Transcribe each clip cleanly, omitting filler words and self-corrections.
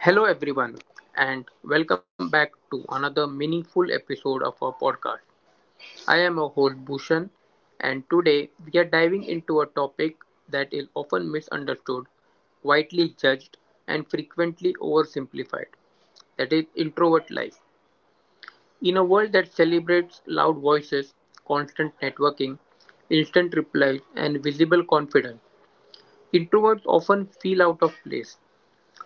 Hello, everyone, and welcome back to another meaningful episode of our podcast. I am your host Bhushan, and today we are diving into a topic that is often misunderstood, widely judged, and frequently oversimplified that is, introvert life. In a world that celebrates loud voices, constant networking, instant replies, and visible confidence, introverts often feel out of place.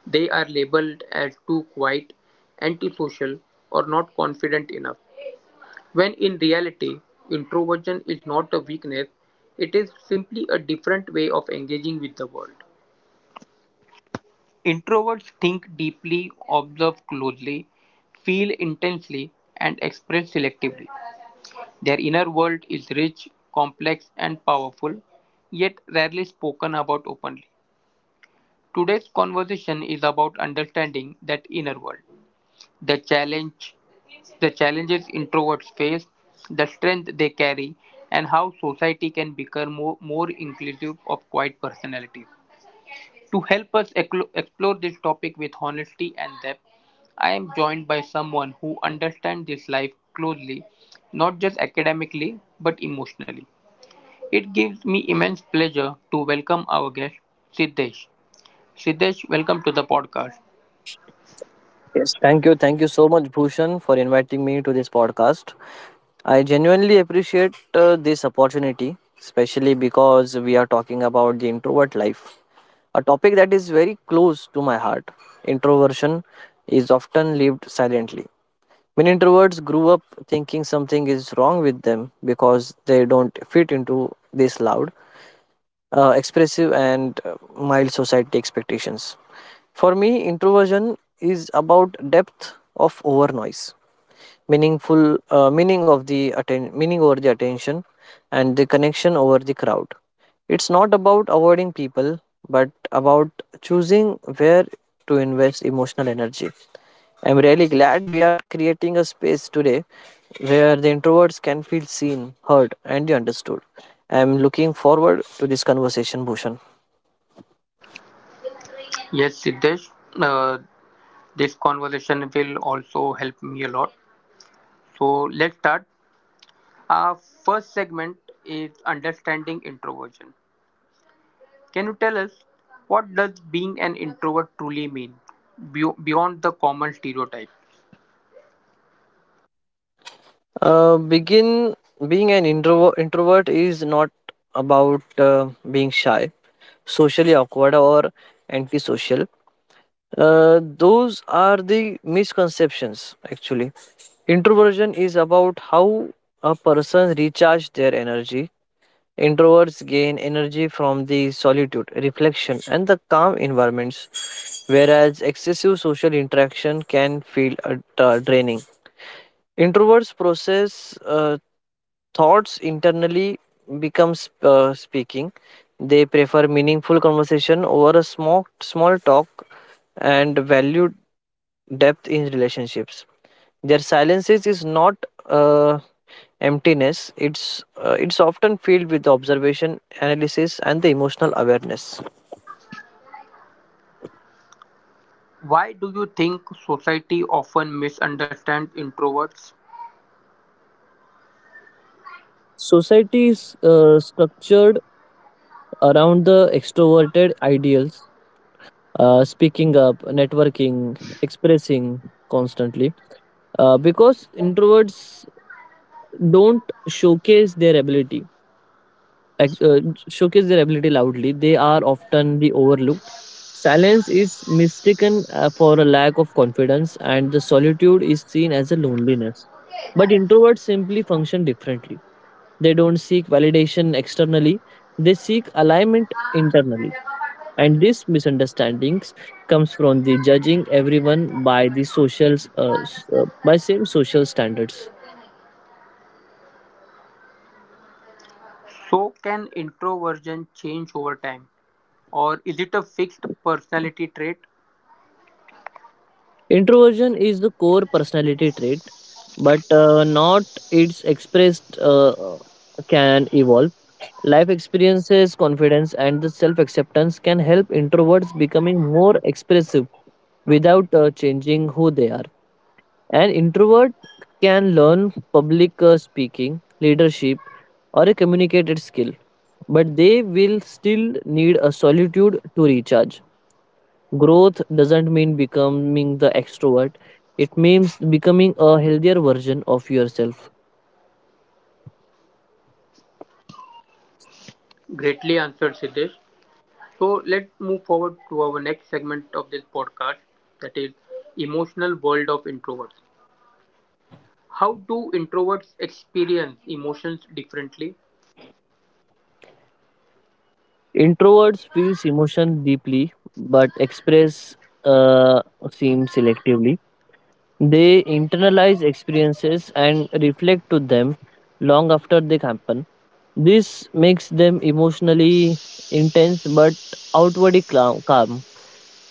They are labeled as too quiet, antisocial, or not confident enough. When in reality, introversion is not a weakness, it is simply a different way of engaging with the world. Introverts think deeply, observe closely, feel intensely, and express selectively. Their inner world is rich, complex, and powerful, yet rarely spoken about openly. Today's conversation is about understanding that inner world, the challenge, the challenges introverts face, the strength they carry, and how society can become more inclusive of quiet personalities. To help us explore this topic with honesty and depth, I am joined by someone who understands this life closely, not just academically but emotionally. It gives me immense pleasure to welcome our guest, Siddesh. Siddesh, welcome to the podcast. Yes, thank you. Thank you so much, Bhushan, for inviting me to this podcast. I genuinely appreciate this opportunity, especially because we are talking about the introvert life, a topic that is very close to my heart. Introversion is often lived silently. Many introverts grew up thinking something is wrong with them because they don't fit into this loud expressive and mild society expectations. For me, introversion is about depth of over noise, meaning over the attention, and the connection over the crowd. It's not about avoiding people, but about choosing where to invest emotional energy. I'm really glad we are creating a space today where the introverts can feel seen, heard, and understood. I'm looking forward to this conversation, Bhushan. Yes, Siddesh, uh, this conversation will also help me a lot. So let's start. Our first segment is understanding introversion. Can you tell us what does being an introvert truly mean beyond the common stereotype? Begin Being an introvert. Introvert is not about being shy, socially awkward, or antisocial. Those are the misconceptions. Actually, introversion is about how a person recharges their energy. Introverts gain energy from the solitude, reflection, and the calm environments, whereas excessive social interaction can feel draining. Introverts process thoughts internally, becomes speaking. They prefer meaningful conversation over a small talk and value depth in relationships. Their silences is not uh, emptiness, it's often filled with observation, analysis, and the emotional awareness. Why do you think society often misunderstands introverts? Society is structured around the extroverted ideals, speaking up, networking, expressing constantly. Because introverts don't showcase their ability, ex- uh, showcase their ability loudly, they are often the overlooked. Silence is mistaken for a lack of confidence, and the solitude is seen as a loneliness. But introverts simply function differently. They don't seek validation externally, they seek alignment internally. And this misunderstandings comes from the judging everyone by the social by same social standards. So can introversion change over time or is it a fixed personality trait? Introversion is the core personality trait, but not its expressed can evolve. Life experiences, confidence, and the self acceptance can help introverts becoming more expressive without changing who they are. An introvert can learn public speaking, leadership, or a communicated skill, but they will still need a solitude to recharge. Growth doesn't mean becoming the extrovert, it means becoming a healthier version of yourself. Greatly answered, Siddesh. So let's move forward to our next segment of this podcast, that is emotional world of introverts. How do introverts experience emotions differently? Introverts feels emotion deeply but express uh, seem selectively. They internalize experiences and reflect to them long after they happen. This makes them emotionally intense but outwardly calm.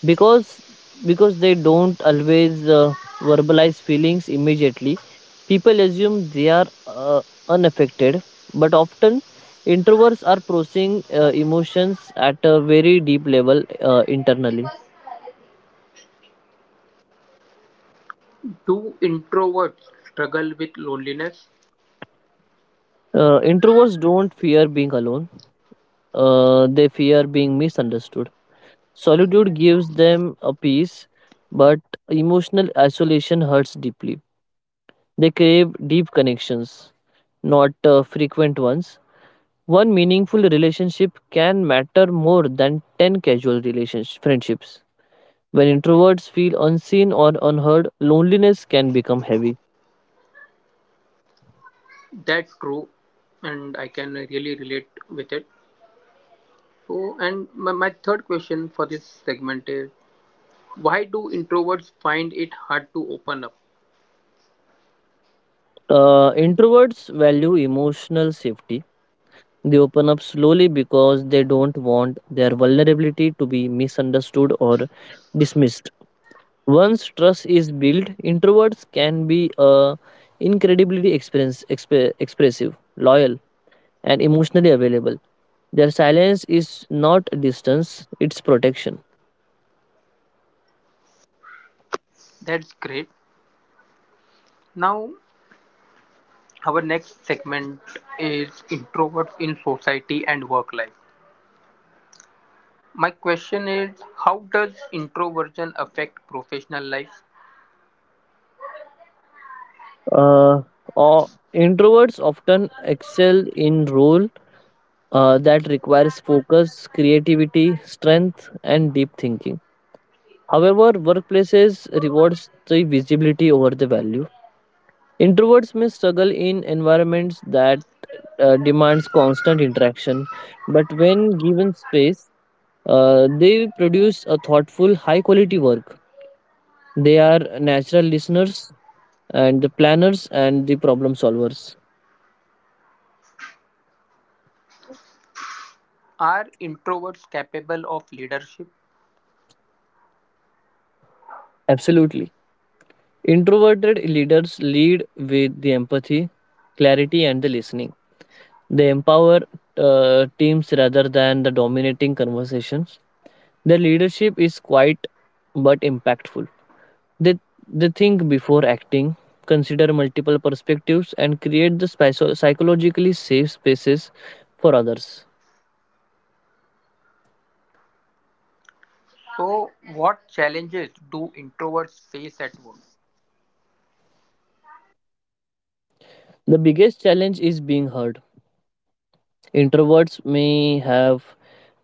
Because because they don't always verbalize feelings immediately. People assume they are unaffected, but often introverts are processing emotions at a very deep level internally. Do introverts struggle with loneliness? Introverts don't fear being alone, they fear being misunderstood. Solitude gives them a peace, but emotional isolation hurts deeply. They crave deep connections, not frequent ones. One meaningful relationship can matter more than 10 casual relationship friendships. When introverts feel unseen or unheard, loneliness can become heavy. That's true and I can really relate with it. So and my third question for this segment is why do introverts find it hard to open up? Introverts value emotional safety. They open up slowly because they don't want their vulnerability to be misunderstood or dismissed. Once trust is built, introverts can be incredibly expressive, loyal, and emotionally available. Their silence is not distance, it's protection. That's great. Now our next segment is introverts in society and work life. My question is how does introversion affect professional life? Uh, o- Introverts often excel in role that requires focus, creativity, strength, and deep thinking. However, workplaces rewards the visibility over the value. Introverts may struggle in environments that demands constant interaction, but when given space, they produce a thoughtful, high-quality work. They are natural listeners and the planners and the problem solvers. Are introverts capable of leadership? Absolutely. Introverted leaders lead with the empathy, clarity, and the listening. They empower teams rather than the dominating conversations. Their leadership is quiet but impactful. They, they think before acting, consider multiple perspectives, and create the psychologically safe spaces for others. So, what challenges do introverts face at work? The biggest challenge is being heard. Introverts may have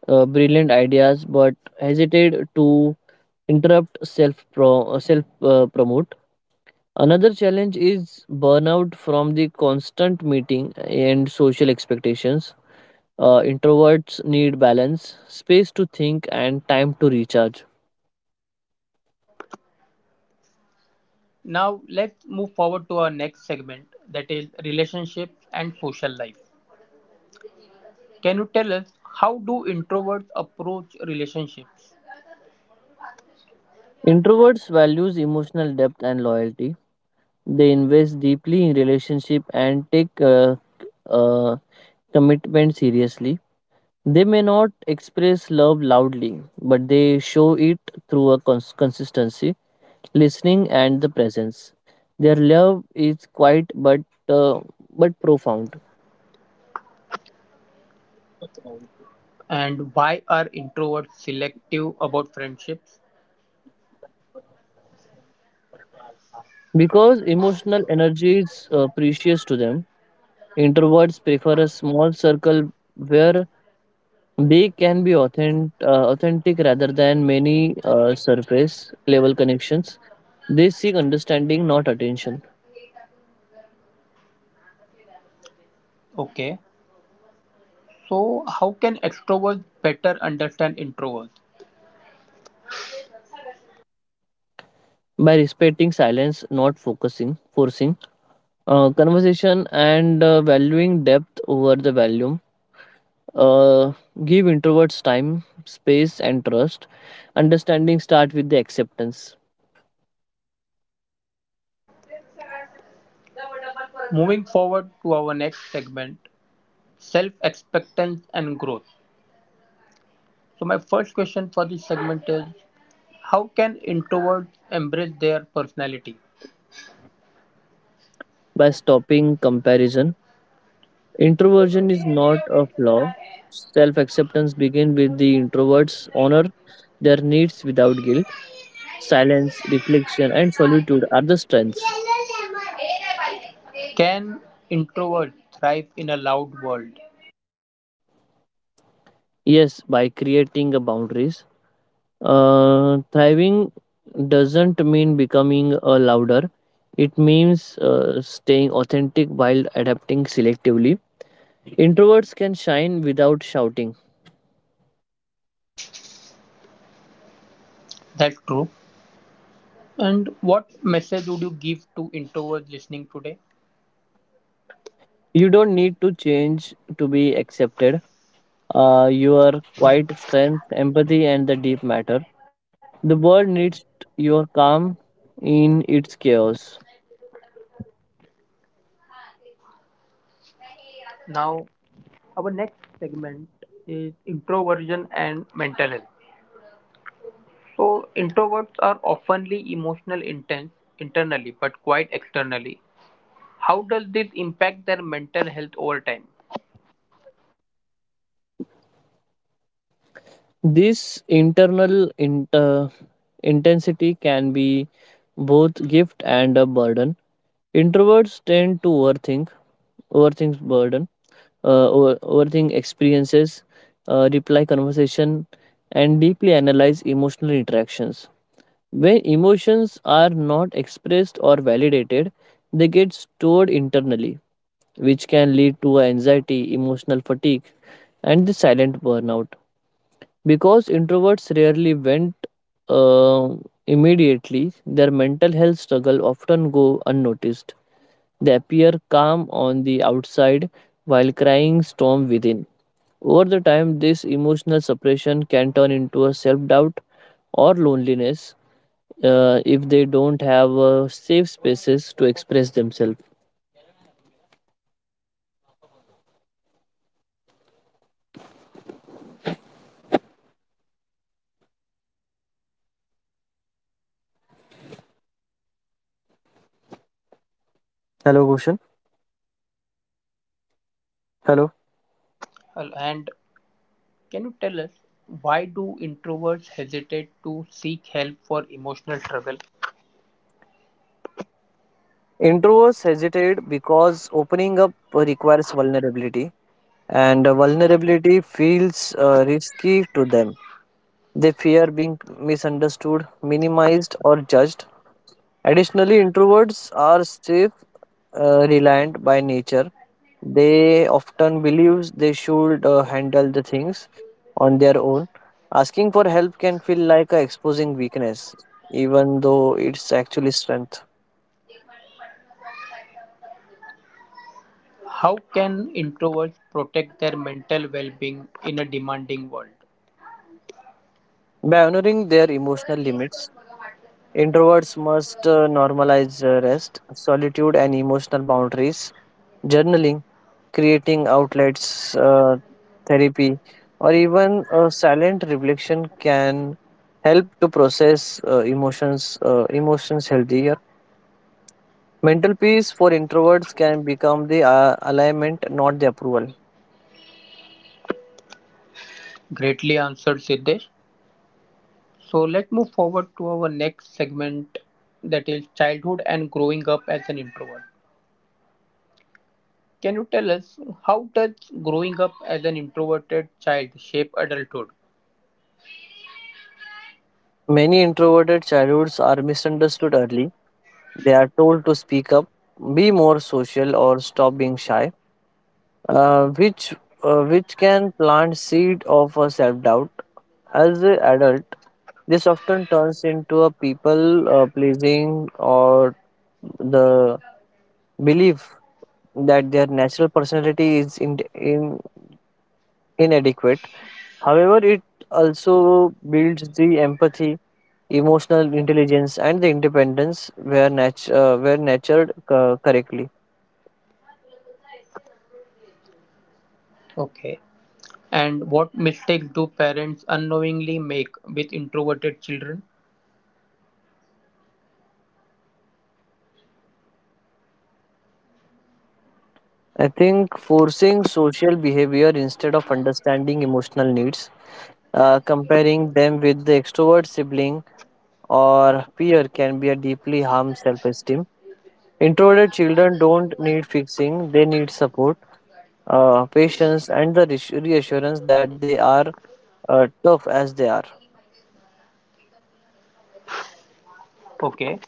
brilliant ideas but hesitate to interrupt self promote. Another challenge is burnout from the constant meeting and social expectations. Introverts need balance space to think and time to recharge. Now, let's move forward to our next segment, that is relationships and social life. Can you tell us how do introverts approach relationships Introverts values emotional depth and loyalty. They invest deeply in relationship and take uh, commitment seriously. They may not express love loudly but they show it through a consistency, listening and the presence. Their love is quiet but uh, but profound. and why are introverts selective about friendships? Because emotional energy is precious to them. Introverts prefer a small circle where they can be authentic rather than many surface level connections. They seek understanding, not attention. Okay, so how can extroverts better understand introverts? By respecting silence, not focusing, forcing conversation, and valuing depth over the volume. Uh, Give introverts time, space, and trust. Understanding starts with the acceptance Moving forward to our next segment, self-acceptance and growth. So my first question for this segment is, how can introverts embrace their personality? by stopping comparison. Introversion is not a flaw. Self acceptance begins with the introverts honor their needs without guilt. Silence, reflection, and solitude are the strengths. Can introverts thrive in a loud world? Yes, by creating a boundaries. Thriving doesn't mean becoming a louder. It means staying authentic while adapting selectively. Introverts can shine without shouting. That's true. And what message would you give to introverts listening today? You don't need to change to be accepted. Your quiet strength, empathy, and the deep matter. The world needs your calm in its chaos. Now, our next segment is introversion and mental health. So, introverts are oftenly emotional intense internally but quite externally. How does this impact their mental health over time? This intensity can be both gift and a burden. Introverts tend to overthink, overthink burden, overthink experiences, reply conversation, and deeply analyze emotional interactions. When emotions are not expressed or validated, they get stored internally, which can lead to anxiety, emotional fatigue, and the silent burnout. Because introverts rarely vent uh, immediately, their mental health struggle often go unnoticed. They appear calm on the outside while crying storm within. Over the time, this emotional suppression can turn into a self doubt or loneliness if they don't have safe spaces to express themselves. Hello, Bhushan. Hello. Well, and can you tell us why do introverts hesitate to seek help for emotional struggle? Introverts hesitate because opening up requires vulnerability, and vulnerability feels risky to them. They fear being misunderstood, minimized, or judged. Additionally, introverts are safe reliant by nature. They often believes they should handle the things on their own. Asking for help can feel like a exposing weakness, even though it's actually strength. How can introverts protect their mental well-being in a demanding world? By honoring their emotional limits, introverts must normalize rest, solitude, and emotional boundaries. Journaling, creating outlets, therapy, or even a silent reflection can help to process emotions healthier. Mental peace for introverts can become the alignment, not the approval. Greatly answered, Siddesh. So let's move forward to our next segment, that is childhood and growing up as an introvert. Can you tell us how does growing up as an introverted child shape adulthood? Many introverted childhoods are misunderstood early. They are told to speak up, be more social, or stop being shy, uh, which which can plant seed of self doubt. As an adult, this often turns into a people pleasing or the belief that their natural personality is inadequate. However, it also builds the empathy, emotional intelligence, and the independence where, where nurtured correctly. Okay. And what mistakes do parents unknowingly make with introverted children? I think forcing social behavior instead of understanding emotional needs, comparing them with the extrovert sibling or peer, can be a deeply harm self esteem. Introverted children don't need fixing, they need support, patience, and the reassurance that they are tough as they are. Okay.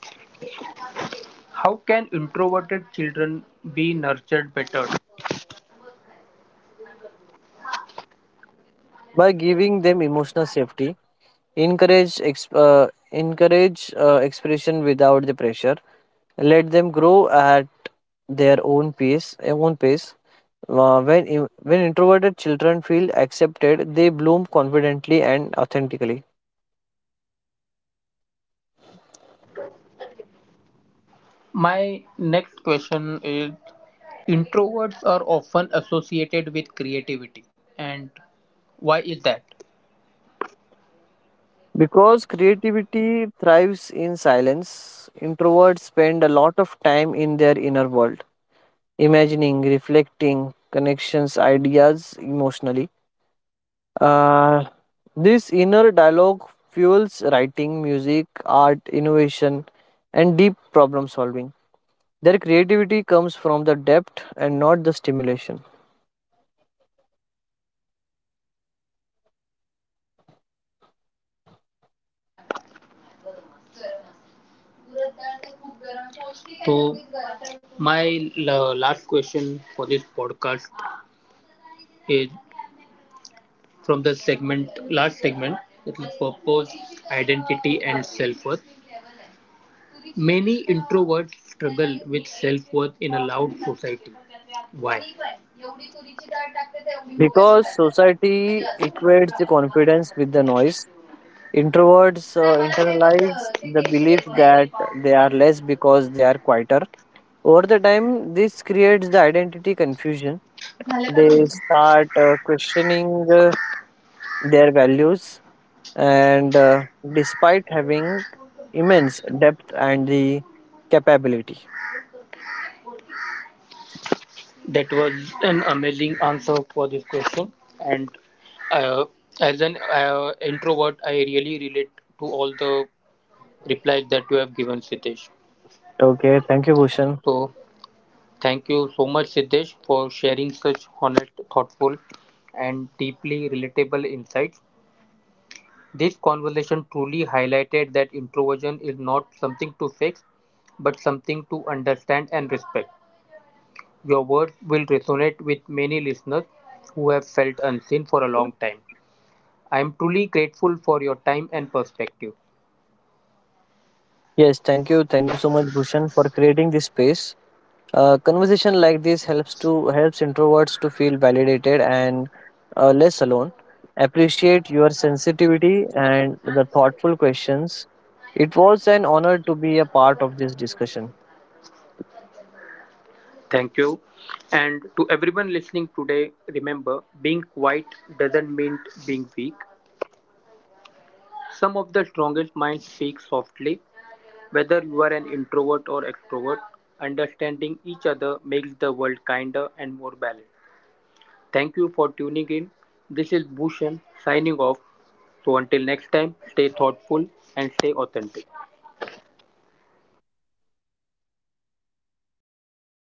How can introverted children be nurtured better? By giving them emotional safety, encourage expression without the pressure, let them grow at their own pace. Own pace. Uh, when, when introverted children feel accepted, they bloom confidently and authentically. My next question is introverts are often associated with creativity and why is that? Because creativity thrives in silence, introverts spend a lot of time in their inner world, imagining, reflecting, connections, ideas emotionally. Uh, this inner dialogue fuels writing, music, art, innovation, and deep problem solving. Their creativity comes from the depth and not the stimulation. So my last question for this podcast is from the segment, last segment, that is purpose, identity, and self worth. Many introverts struggle with self worth in a loud society. Why? Because society equates the confidence with the noise, introverts internalize the belief that they are less because they are quieter. Over the time, this creates the identity confusion. They start questioning their values, and despite having immense depth and the capability. That was an amazing answer for this question. And uh, as an introvert, I really relate to all the replies that you have given, Sitesh. Okay, thank you, Bhushan. So thank you so much, Siddesh, for sharing such honest, thoughtful, and deeply relatable insights. This conversation truly highlighted that introversion is not something to fix, but something to understand and respect. Your words will resonate with many listeners who have felt unseen for a long time. I am truly grateful for your time and perspective. Yes, thank you. Thank you so much, Bhushan, for creating this space. Conversation like this helps introverts to feel validated and less alone. Appreciate your sensitivity and the thoughtful questions. It was an honor to be a part of this discussion. Thank you. And to everyone listening today, remember being quiet doesn't mean being weak. Some of the strongest minds speak softly. Whether you are an introvert or extrovert, understanding each other makes the world kinder and more balanced. Thank you for tuning in. This is Bhushan signing off. So until next time, stay thoughtful and stay authentic.